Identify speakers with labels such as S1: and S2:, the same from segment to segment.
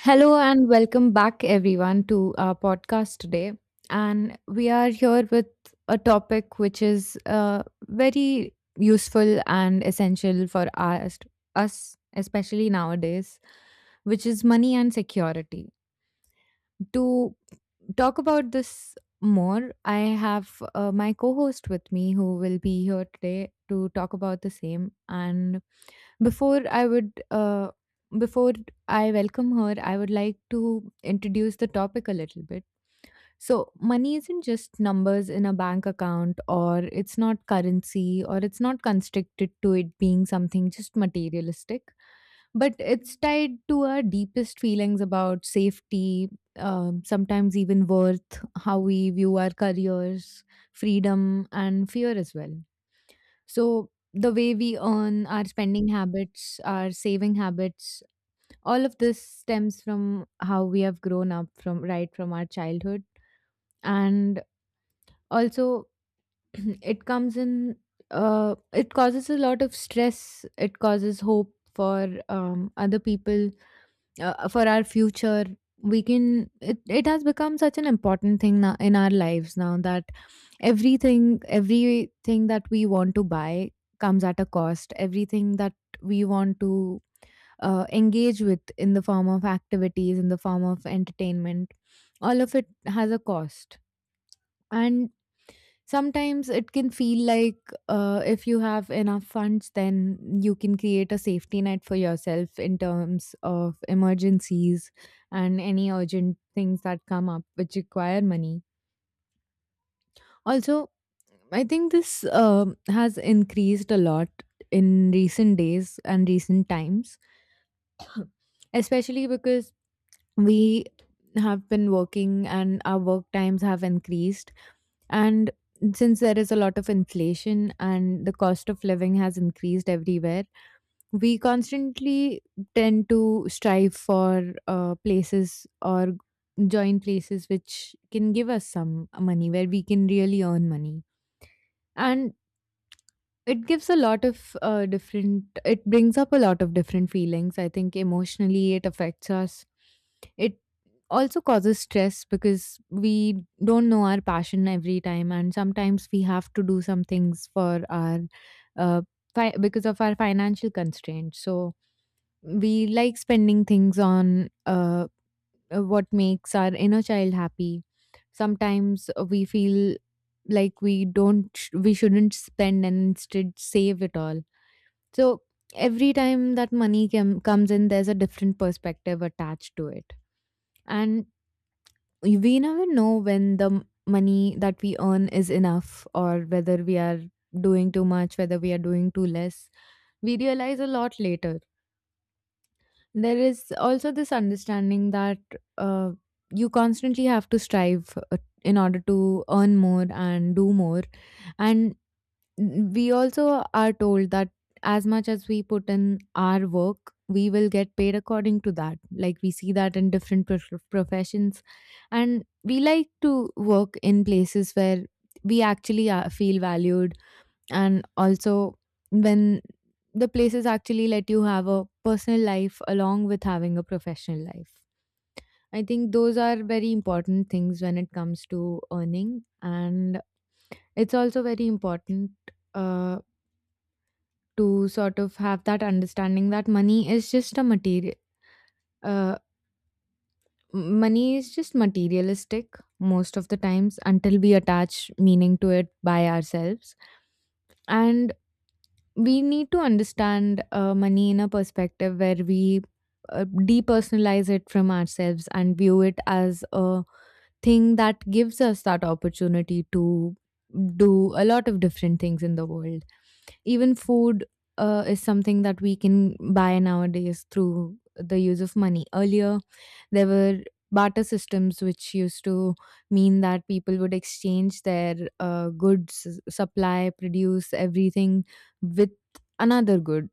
S1: Hello and welcome back, everyone, to our podcast today. And we are here with a topic which is very useful and essential for us, especially nowadays, which is money and security. To talk about this more, I have my co host with me who will be here today to talk about the same. And before I would, uh, before I welcome her, I would like to introduce the topic a little bit. So money isn't just numbers in a bank account, or it's not currency, or it's not constricted to it being something just materialistic, but it's tied to our deepest feelings about safety, sometimes even worth, how we view our careers, freedom, and fear as well. So the way we earn, our spending habits, our saving habits, all of this stems from how we have grown up from right from our childhood. And also it comes in it causes a lot of stress. It causes hope for other people for our future. It has become such an important thing now in our lives now that everything that we want to buy comes at a cost. Everything that we want to engage with in the form of activities, in the form of entertainment, all of it has a cost. And sometimes it can feel like, if you have enough funds, then you can create a safety net for yourself in terms of emergencies and any urgent things that come up which require money. Also, I think this has increased a lot in recent days and recent times, especially because we have been working and our work times have increased. And since there is a lot of inflation and the cost of living has increased everywhere, we constantly tend to strive for places or join places which can give us some money where we can really earn money. And it gives a lot of it brings up a lot of different feelings. I think emotionally it affects us. It also causes stress because we don't know our passion every time, and sometimes we have to do some things for uh, because of our financial constraints. So we like spending things on what makes our inner child happy. Sometimes we feel like we don't sh- we shouldn't spend and instead save it all. So every time that comes in there's a different perspective attached to it. And we never know when the money that we earn is enough or whether we are doing too much, whether we are doing too less. We realize a lot later. There is also this understanding that uh, you constantly have to strive in order to earn more and do more. And we also are told that as much as we put in our work, we will get paid according to that. Like we see that in different professions. And we like to work in places where we actually feel valued, and also when the places actually let you have a personal life along with having a professional life. I think those are very important things when it comes to earning. And it's also very important uh, to sort of have that understanding that money is just a material, uh, money is just materialistic most of the times until we attach meaning to it by ourselves. And we need to understand money in a perspective where we depersonalize it from ourselves and view it as a thing that gives us that opportunity to do a lot of different things in the world. Even food is something that we can buy nowadays through the use of money. Earlier, there were barter systems, which used to mean that people would exchange their supply, produce, everything with another good.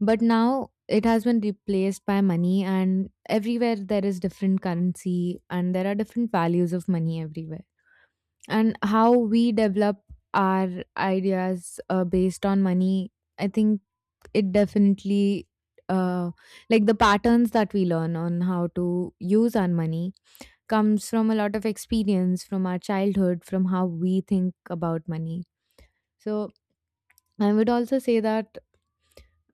S1: But now it has been replaced by money, and everywhere there is different currency and there are different values of money everywhere. And how we develop our ideas based on money, I think it definitely. Uh, like the patterns that we learn on how to use our money comes from a lot of experience from our childhood, from how we think about money. So I would also say that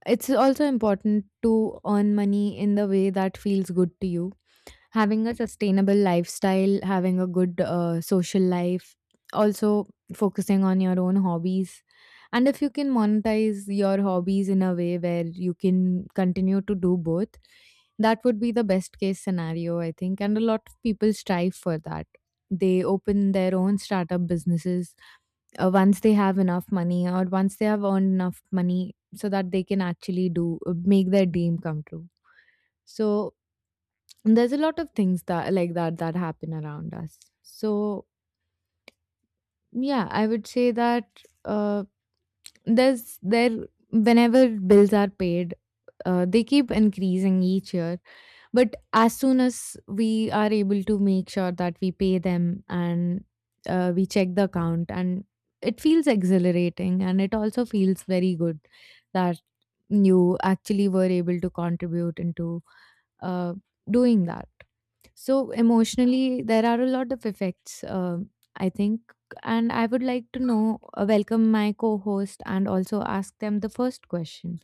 S1: it's also important to earn money in the way that feels good to you. Having a sustainable lifestyle, having a good social life, also focusing on your own hobbies. And if you can monetize your hobbies in a way where you can continue to do both, that would be the best case scenario, I think. And a lot of people strive for that. They open their own startup businesses once they have enough money or once they have earned enough money so that they can actually do make their dream come true. So there's a lot of things that like that that happen around us. So yeah, I would say that uh, there's there whenever bills are paid, they keep increasing each year. But as soon as we are able to make sure that we pay them and we check the account, and it feels exhilarating, and it also feels very good that you actually were able to contribute into uh, doing that. So emotionally, there are a lot of effects, I think. And I would like to know, welcome my co-host and also ask them the first question.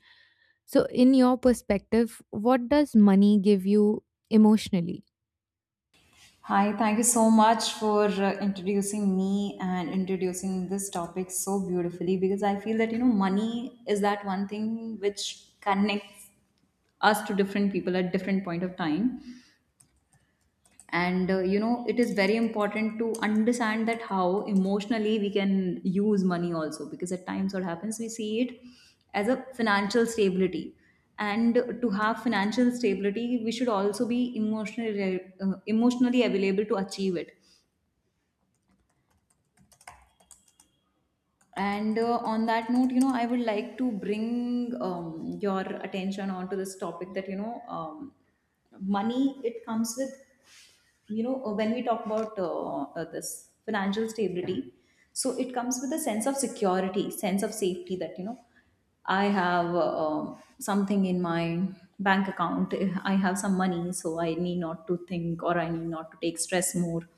S1: So, in your perspective, what does money give you emotionally?
S2: Hi, thank you so much for introducing me and introducing this topic so beautifully, because I feel that, you know, money is that one thing which connects us to different people at different point of time. And you know, it is very important to understand that how emotionally we can use money also, because at times what happens, we see it as a financial stability, and to have financial stability we should also be emotionally available to achieve it. And on that note, you know, I would like to bring your attention onto this topic that, you know, money, it comes with, you know, when we talk about this financial stability, so it comes with a sense of security, sense of safety, that, you know, I have something in my bank account, I have some money, so I need not to think, or I need not to take stress more,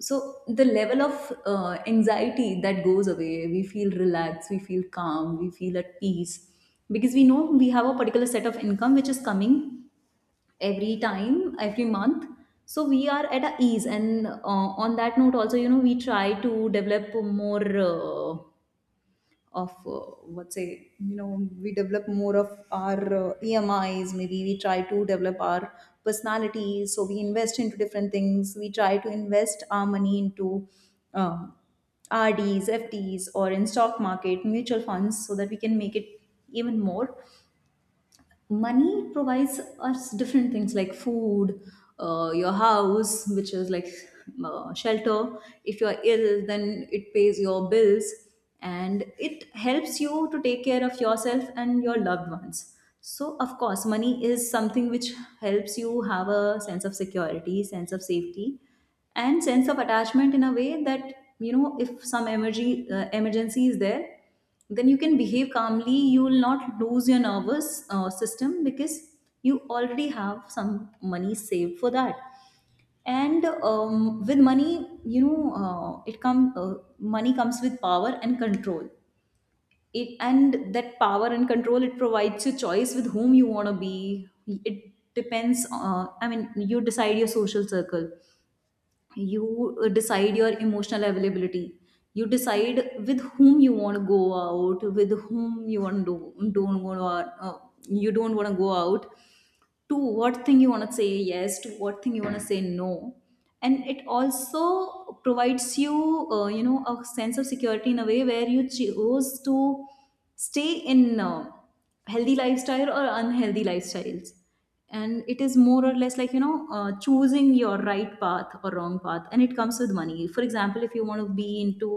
S2: so the level of anxiety that goes away, we feel relaxed, we feel calm, we feel at peace, because we know we have a particular set of income which is coming every time, every month. So we are at our ease, and on that note also, you know, we try to develop more of what say, you know, we develop more of our emis, maybe we try to develop our personality, so we invest into different things, we try to invest our money into um, rds, fds, or in stock market, mutual funds, so that we can make it even more. Money provides us different things like food, your house, which is like shelter, if you are ill then it pays your bills, and it helps you to take care of yourself and your loved ones. So of course money is something which helps you have a sense of security, sense of safety, and sense of attachment in a way that, you know, if some emergency is there, then you can behave calmly, you will not lose your nervous system, because you already have some money saved for that. And with money, you know, it come money comes with power and control, it, and that power and control, it provides you choice with whom you want to be. It depends, I mean, you decide your social circle, you decide your emotional availability, you decide with whom you want to go out, with whom you want to, don't want to, you don't want to go out, to what thing you want to say yes, to what thing you want to say no. And it also provides you, you know, a sense of security in a way where you choose to stay in healthy lifestyle or unhealthy lifestyles, and it is more or less like, you know, choosing your right path or wrong path, and it comes with money. For example, if you want to be into,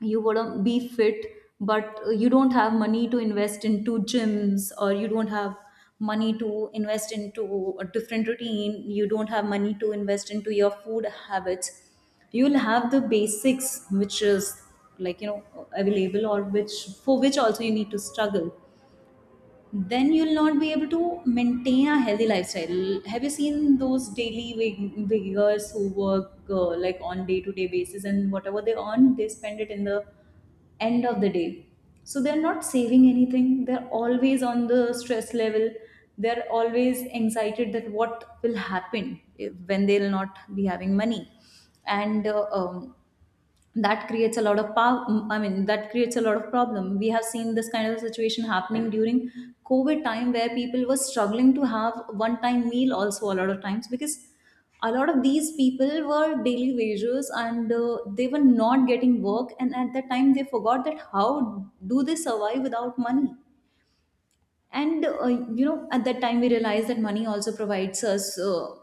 S2: you want to be fit, but you don't have money to invest into gyms, or you don't have money to invest into a different routine, you don't have money to invest into your food habits, you'll have the basics which is, like, you know, available, or which, for which also you need to struggle, then you'll not be able to maintain a healthy lifestyle. Have you seen those wiggers who work, like, on day to day basis, and whatever they earn, they spend it in the end of the day. So they're not saving anything. They're always on the stress level. They're always excited that what will happen if, when they'll not be having money. And that creates a lot of pow- mm, I mean, that creates a lot of problem. We have seen this kind of situation happening during COVID time, where people were struggling to have one time meal also a lot of times, because a lot of these people were daily wagers, and they were not getting work, and at that time they forgot that how do they survive without money. And you know, at that time we realized that money also provides us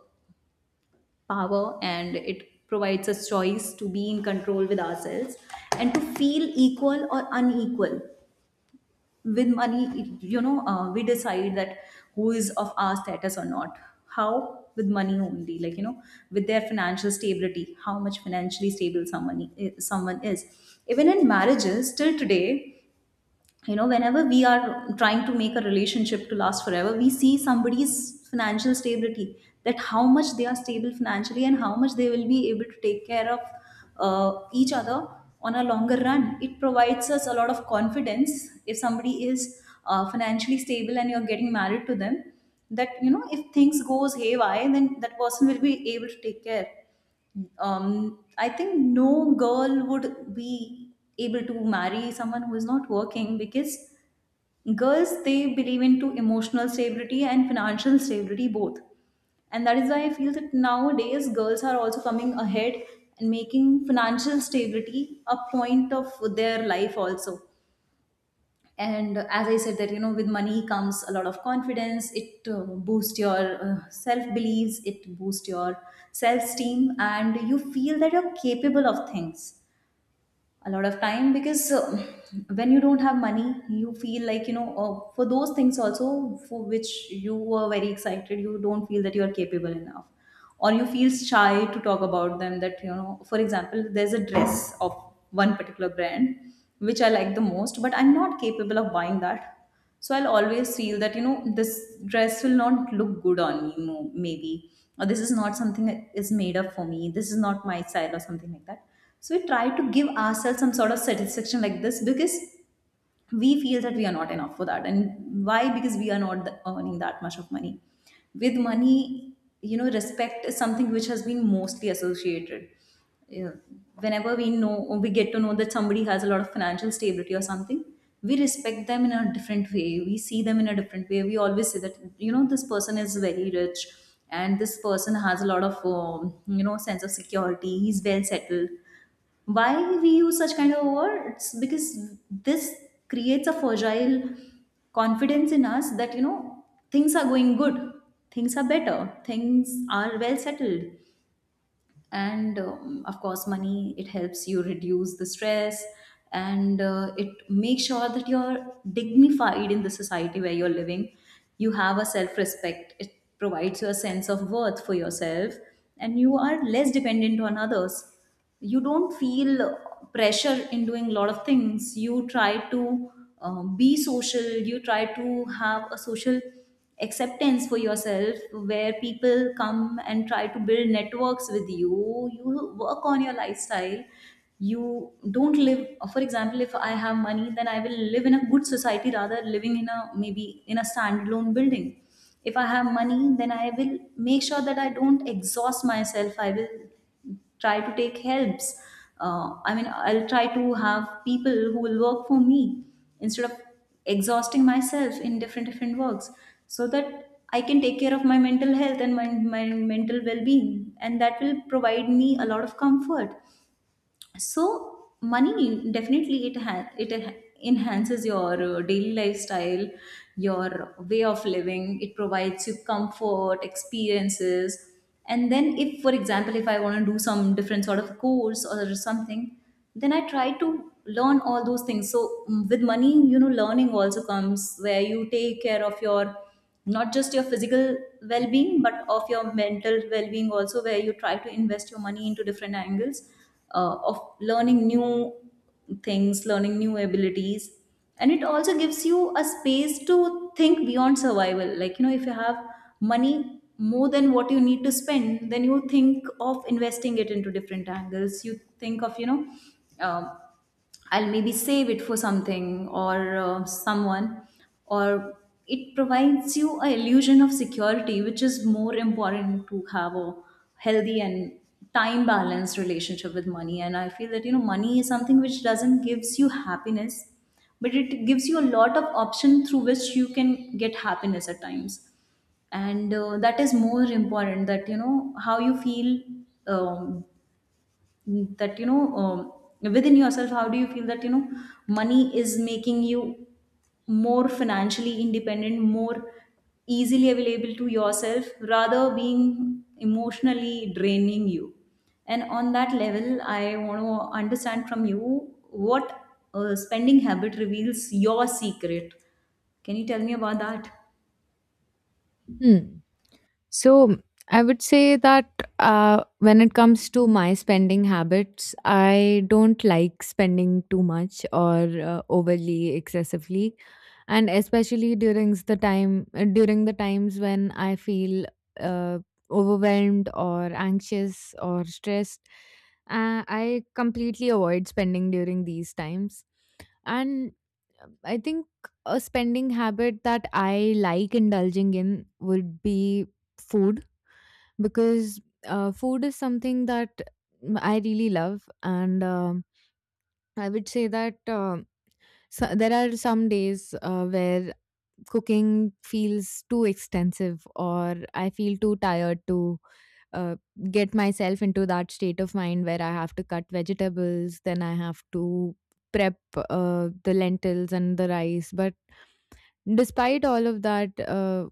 S2: power, and it provides us choice to be in control with ourselves, and to feel equal or unequal. With money, you know, we decide that who is of our status or not, how, with money only, like, you know, with their financial stability, how much financially stable someone is, even in marriages till today, you know, whenever we are trying to make a relationship to last forever, we see somebody's financial stability, that how much they are stable financially, and how much they will be able to take care of each other. On a longer run, it provides us a lot of confidence if somebody is financially stable and you're getting married to them, that, you know, if things goes haywire, then that person will be able to take care. I think no girl would be able to marry someone who is not working, because girls, they believe into emotional stability and financial stability both, and that is why I feel that nowadays girls are also coming ahead and making financial stability a point of their life also. And as I said, that, you know, with money comes a lot of confidence, it boosts your self beliefs, it boosts your self esteem, and you feel that you're capable of things a lot of time, because when you don't have money you feel like, you know, for those things also for which you were very excited, you don't feel that you are capable enough, or you feel shy to talk about them, that, you know, for example, there's a dress of one particular brand which I like the most, but I'm not capable of buying that, so I'll always feel that, you know, this dress will not look good on me, maybe, or this is not something that is made up for me, this is not my style, or something like that. So we try to give ourselves some sort of satisfaction like this, because we feel that we are not enough for that, and why? Because we are not th- earning that much of money. With money, you know, respect is something which has been mostly associated. Yeah. Whenever we know, or we get to know that somebody has a lot of financial stability or something, we respect them in a different way, we see them in a different way, we always say that, you know, this person is very rich, and this person has a lot of you know, sense of security, he's well settled. Why we use such kind of words? Because this creates a fragile confidence in us that, you know, things are going good, things are better, things are well settled. And of course money, it helps you reduce the stress, and it makes sure that you're dignified in the society where you're living, you have a self respect, it provides you a sense of worth for yourself, and you are less dependent on others. You don't feel pressure in doing a lot of things, you try to be social, you try to have a social acceptance for yourself, where people come and try to build networks with you, you work on your lifestyle, you don't live. For example, if I have money, then I will live in a good society, rather living in a, maybe, in a standalone building. If I have money, then I will make sure that I don't exhaust myself, I will try to take helps. I mean, I'll try to have people who will work for me instead of exhausting myself in different works, so that I can take care of my mental health and my mental well being, and that will provide me a lot of comfort. So money, definitely, it enhances your daily lifestyle, your way of living. It provides you comfort, experiences. And then, if, for example, if I want to do some different sort of course or something, then I try to learn all those things. So, with money, you know, learning also comes, where you take care of your, not just your physical well-being, but of your mental well-being also, where you try to invest your money into different angles, of learning new things, learning new abilities. And it also gives you a space to think beyond survival, like, you know, if you have money more than what you need to spend, then you think of investing it into different angles. You think of, you know, um, I'll maybe save it for something or someone, or it provides you a illusion of security, which is more important to have a healthy and time balanced relationship with money. And I feel that, you know, money is something which doesn't gives you happiness, but it gives you a lot of option through which you can get happiness at times. And that is more important, that you know how you feel, um, that, you know, within yourself, how do you feel that, you know, money is making you more financially independent, more easily available to yourself rather being emotionally draining you. And on that level, I want to understand from you, what spending habit reveals your secret? Can you tell me about that?
S1: Hmm. So I would say that, when it comes to my spending habits, I don't like spending too much or overly excessively, and especially during the time during the times when I feel uh, overwhelmed or anxious or stressed. I completely avoid spending during these times, and I think a spending habit that I like indulging in would be food because food is something that I really love, and I would say that, so there are some days where cooking feels too extensive, or I feel too tired to uh, get myself into that state of mind where I have to cut vegetables, then I have to prep the lentils and the rice. But despite all of that,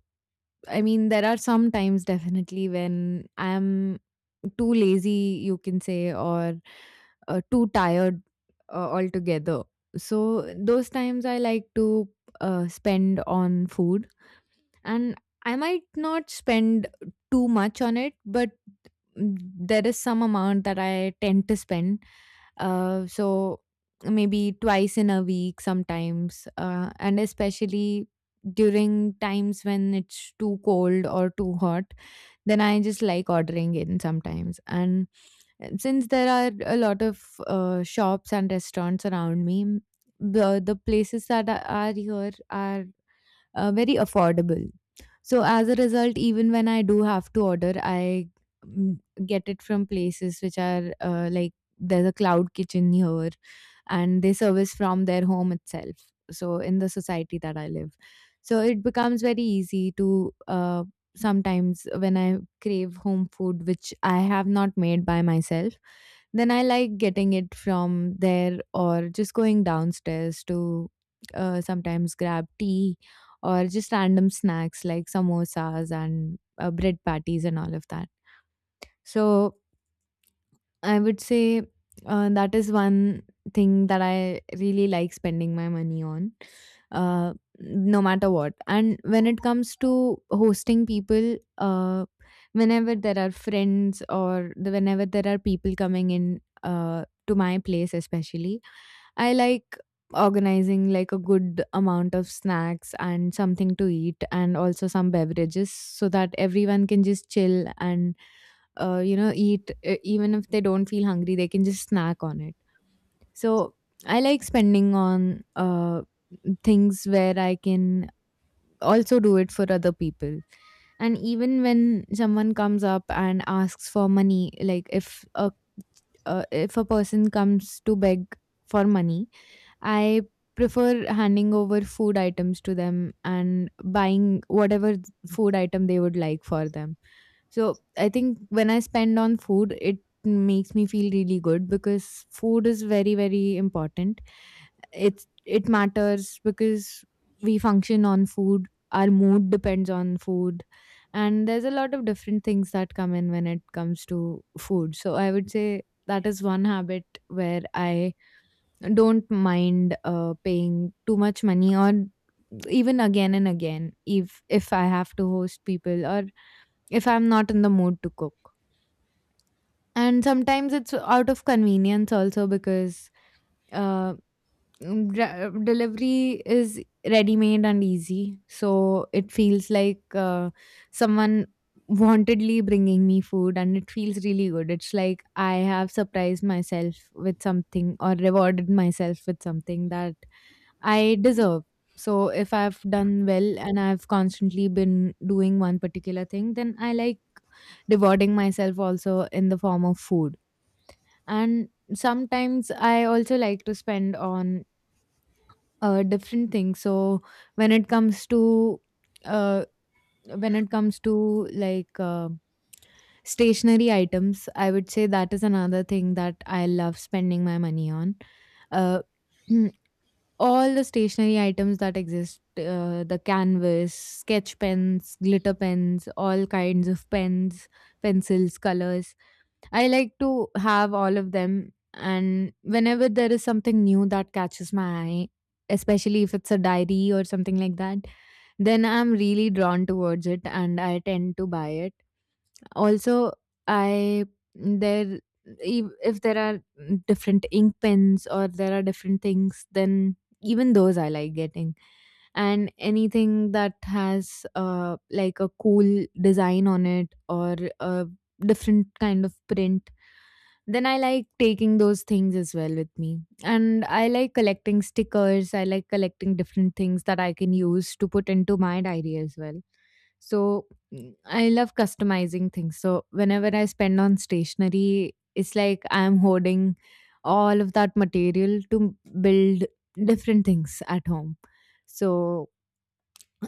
S1: I mean, there are some times definitely when I'm too lazy, you can say, or too tired altogether. So those times I like to spend on food, and I might not spend too much on it, but there is some amount that I tend to spend. So maybe twice in a week sometimes, and especially during times when it's too cold or too hot, then I just like ordering in sometimes. And since there are a lot of shops and restaurants around me, the places that are here are very affordable. So as a result, even when I do have to order, I mm, get it from places which are like there's a cloud kitchen here and they service from their home itself. So in the society that I live, so it becomes very easy to, sometimes when I crave home food, which I have not made by myself, then I like getting it from there or just going downstairs to sometimes grab tea or just random snacks like samosas and bread patties and all of that. So I would say that is one thing that I really like spending my money on, uh, no matter what. And when it comes to hosting people, uh, whenever there are people coming in to my place, especially, I like organizing like a good amount of snacks and something to eat and also some beverages so that everyone can just chill and, you know, eat, even if they don't feel hungry, they can just snack on it. So I like spending on things where I can also do it for other people. And even when someone comes up and asks for money, like if a person comes to beg for money, I prefer handing over food items to them and buying whatever food item they would like for them. So I think when I spend on food, it makes me feel really good because food is very, very important. It matters because we function on food. Our mood depends on food. And there's a lot of different things that come in when it comes to food. So I would say that is one habit where I don't mind paying too much money or even again and again if I have to host people or if I'm not in the mood to cook. And sometimes it's out of convenience also because uh, delivery is ready made and easy. So it feels like someone wantedly bringing me food and it feels really good. It's like I have surprised myself with something or rewarded myself with something that I deserve. So if I've done well and I've constantly been doing one particular thing, then I like rewarding myself also in the form of food. And sometimes I also like to spend on different things. So when it comes to uh, when it comes to like stationary items, I would say that is another thing that I love spending my money on. Uh, mm, all the stationery items that exist, the canvas sketch pens, glitter pens, all kinds of pens, pencils, colors, I like to have all of them. And whenever there is something new that catches my eye, especially if it's a diary or something like that, then I'm really drawn towards it and I tend to buy it. Also, I there if there are different ink pens or there are different things, then even those I like getting. And anything that has like a cool design on it or a different kind of print, then I like taking those things as well with me. And I like collecting stickers. I like collecting different things that I can use to put into my diary as well. So, I love customizing things. So whenever I spend on stationery, it's like I'm hoarding all of that material to build different things at home. So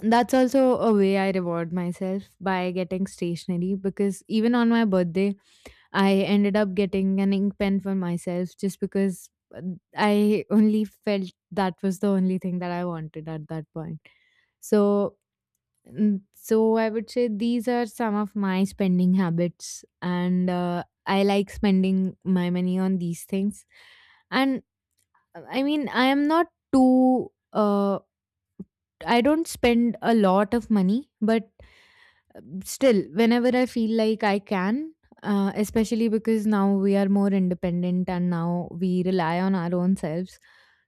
S1: that's also a way I reward myself by getting stationery because even on my birthday, I ended up getting an ink pen for myself just because uh, I only felt that was the only thing that I wanted at that point. So So I would say these are some of my spending habits, and I like spending my money on these things. And, I mean, I am not too. I don't spend a lot of money, but still, whenever I feel like I can, especially because now we are more independent and now we rely on our own selves.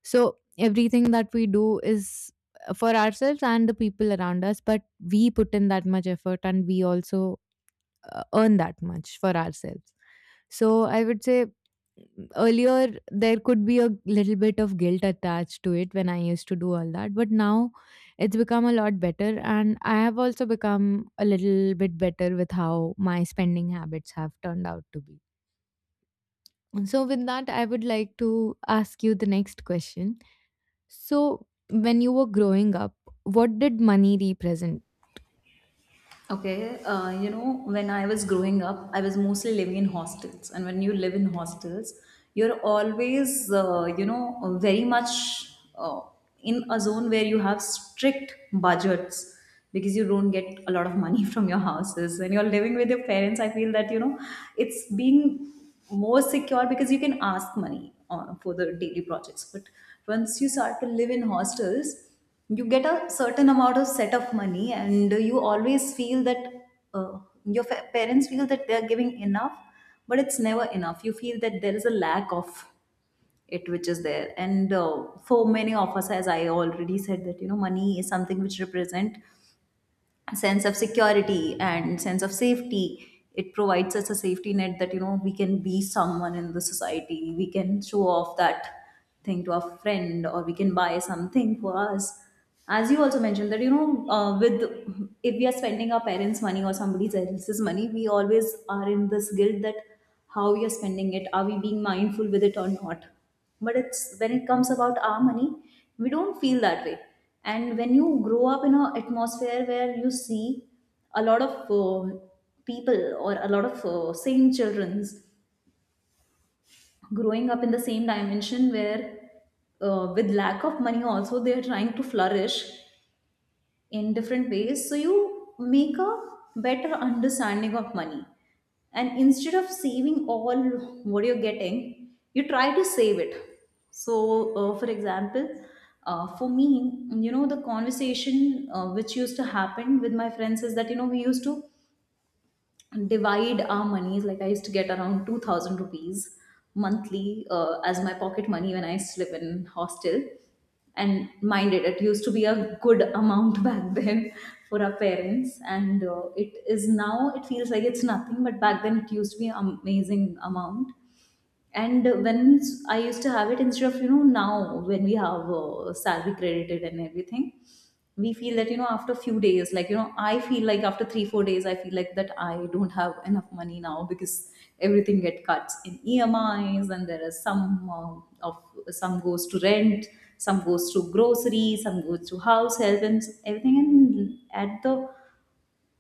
S1: So everything that we do is for ourselves and the people around us, but we put in that much effort and we also earn that much for ourselves. So I would say earlier there could be a little bit of guilt attached to it when I used to do all that, but now it's become a lot better and I have also become a little bit better with how my spending habits have turned out to be. So with that, I would like to ask you the next question. So when you were growing up, what did money represent?
S2: Okay, you know, when I was growing up, I was mostly living in hostels. And when you live in hostels, you're always, you know, very much, in a zone where you have strict budgets, because you don't get a lot of money from your houses. When you're living with your parents, I feel that, you know, it's being more secure, because you can ask money for the daily projects. But once you start to live in hostels, you get a certain amount of set of money, and you always feel that, uh, your parents feel that they are giving enough, but it's never enough. You feel that there is a lack of it, which is there. And, for many of us, as I already said, that, you know, money is something which represent sense of security and sense of safety. It provides us a safety net, that, you know, we can be someone in the society, we can show off that thing to our friend, or we can buy something for us, as you also mentioned that, you know, with if we are spending our parents money or somebody else's money, we always are in this guilt, that how we are spending it, are we being mindful with it or not? But it's, when it comes about our money, we don't feel that way. And when you grow up in an atmosphere where you see a lot of uh, people, or a lot of same children's growing up in the same dimension, where, with lack of money also, they are trying to flourish in different ways, so you make a better understanding of money. And instead of saving all what you're getting, you try to save it. So, for example, for me, you know, the conversation, which used to happen with my friends, is that, you know, we used to divide our monies, like I used to get around 2,000 rupees monthly, as my pocket money when I used to live in hostel. And mind it, it used to be a good amount back then for our parents. And, it is now, it feels like it's nothing, but back then it used to be an amazing amount. And when I used to have it, instead of, you know, now when we have salary credited and everything, we feel that, you know, after a few days, like, you know, I feel like after 3, 4 days, I feel like that I don't have enough money now, because everything get cuts in EMIs, and there is some, of some goes to rent, some goes to groceries, some goes to house help and everything. And at the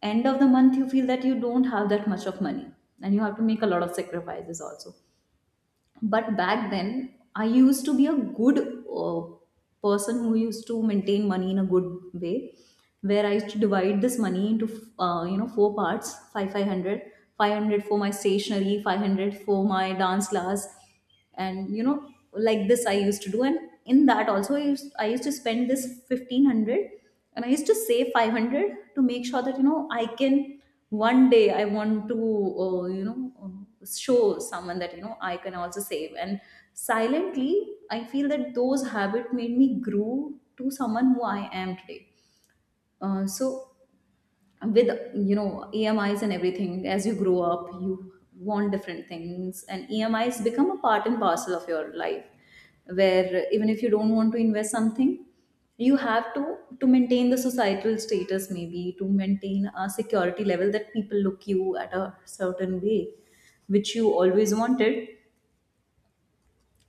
S2: end of the month, you feel that you don't have that much of money, and you have to make a lot of sacrifices also. But back then I used to be a good, uh, person who used to maintain money in a good way, where I used to divide this money into, you know, four parts: 5 500, 500 for my stationery, 500 for my dance class, and, you know, like this I used to do. And in that also, I used to spend this 1,500 and I used to save 500, to make sure that, you know, I can, one day I want to, you know, show someone that, you know, I can also save. And silently I feel that those habit made me grow to someone who I am today. So, with, you know, EMIs and everything, as you grow up, you want different things, and EMIs become a part and parcel of your life, where even if you don't want to invest something, you have to maintain the societal status, maybe to maintain a security level, that people look you at a certain way, which you always wanted.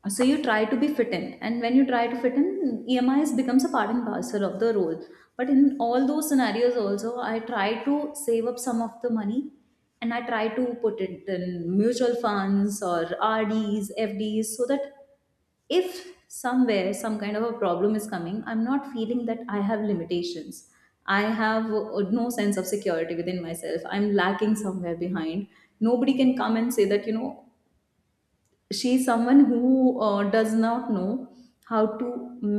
S2: So you try to be fit in, and when you try to fit in, EMIs becomes a part and parcel of the role. But in all those scenarios, also, I try to save up some of the money, and I try to put it in mutual funds or RDs, FDs, so that if somewhere some kind of a problem is coming, I'm not feeling that I have limitations. I have no sense of security within myself. I'm lacking somewhere behind. Nobody can come and say that, you know, she's someone who does not know how to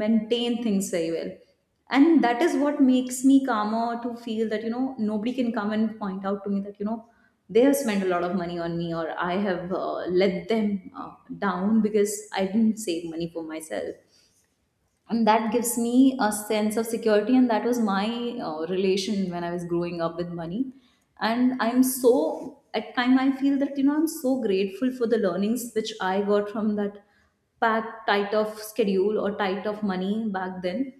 S2: maintain things very well. And that is what makes me calmer, to feel that, you know, nobody can come and point out to me that, you know, they have spent a lot of money on me, or I have let them down because I didn't save money for myself. And that gives me a sense of security, and that was my relation when I was growing up with money. And I'm so, at time I feel that, you know, I'm so grateful for the learnings which I got from that packed tight of schedule or tight of money back then.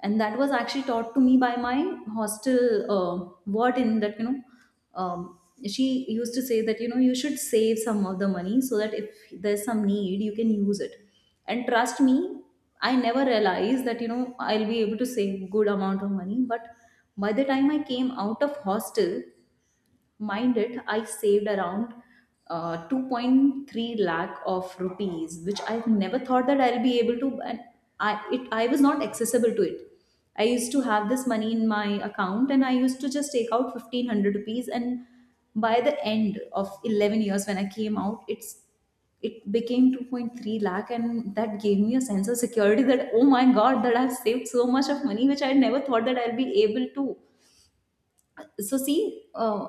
S2: And that was actually taught to me by my hostel uh, warden, that, you know, um, she used to say that, you know, you should save some of the money, so that if there's some need, you can use it. And trust me, I never realized that, you know, I'll be able to save good amount of money. But by the time I came out of hostel, mind it, I saved around 2.3 lakh of rupees, which I never thought that I'll be able to. And I was not accessible to it. I used to have this money in my account, and I used to just take out 1,500 rupees. And by the end of 11 years, when I came out, it became 2.3 lakh, and that gave me a sense of security, that, oh my god, that I've saved so much of money which I never thought that I'll be able to. So see,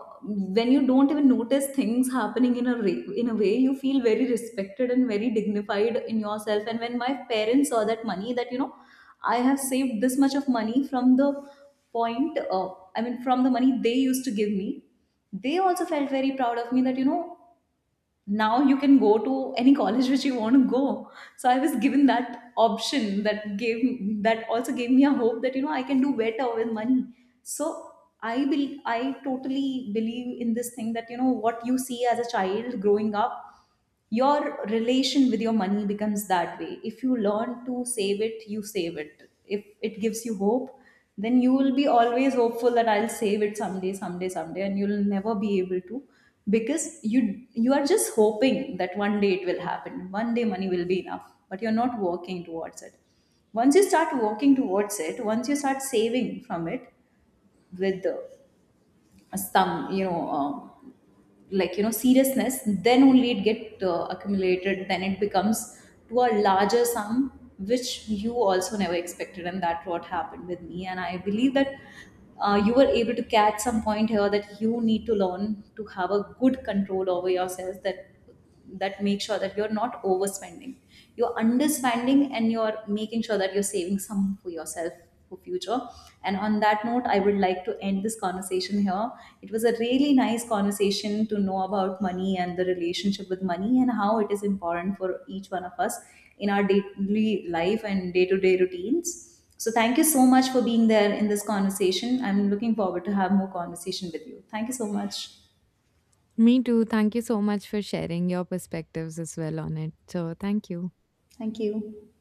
S2: when you don't even notice things happening in a way, you feel very respected and very dignified in yourself. And when my parents saw that money, that, you know, I have saved this much of money from the point I mean, from the money they used to give me, they also felt very proud of me that, you know, now you can go to any college which you want to go. So I was given that option, that also gave me a hope that, you know, I can do better with money. So I totally believe in this thing, that, you know, what you see as a child growing up, your relation with your money becomes that way. If you learn to save it, you save it. If it gives you hope, then you will be always hopeful that I'll save it someday, someday, someday, and you'll never be able to, because you are just hoping that one day it will happen, one day money will be enough, but you're not working towards it. Once you start working towards it, once you start saving from it, with, some, you know, like, you know, seriousness, then only it get accumulated, then it becomes to a larger sum, which you also never expected. And that what happened with me. And I believe that, you were able to catch some point here, that you need to learn to have a good control over yourself, that make sure that you're not overspending, you're underspending, and you're making sure that you're saving some for yourself for future. And on that note, I would like to end this conversation here. It was a really nice conversation, to know about money and the relationship with money and how it is important for each one of us in our daily life and day-to-day routines. So thank you so much for being there in this conversation. I'm looking forward to have more conversation with you. Thank you so much.
S1: Me too, thank you so much for sharing your perspectives as well on it. So thank you.
S2: Thank you.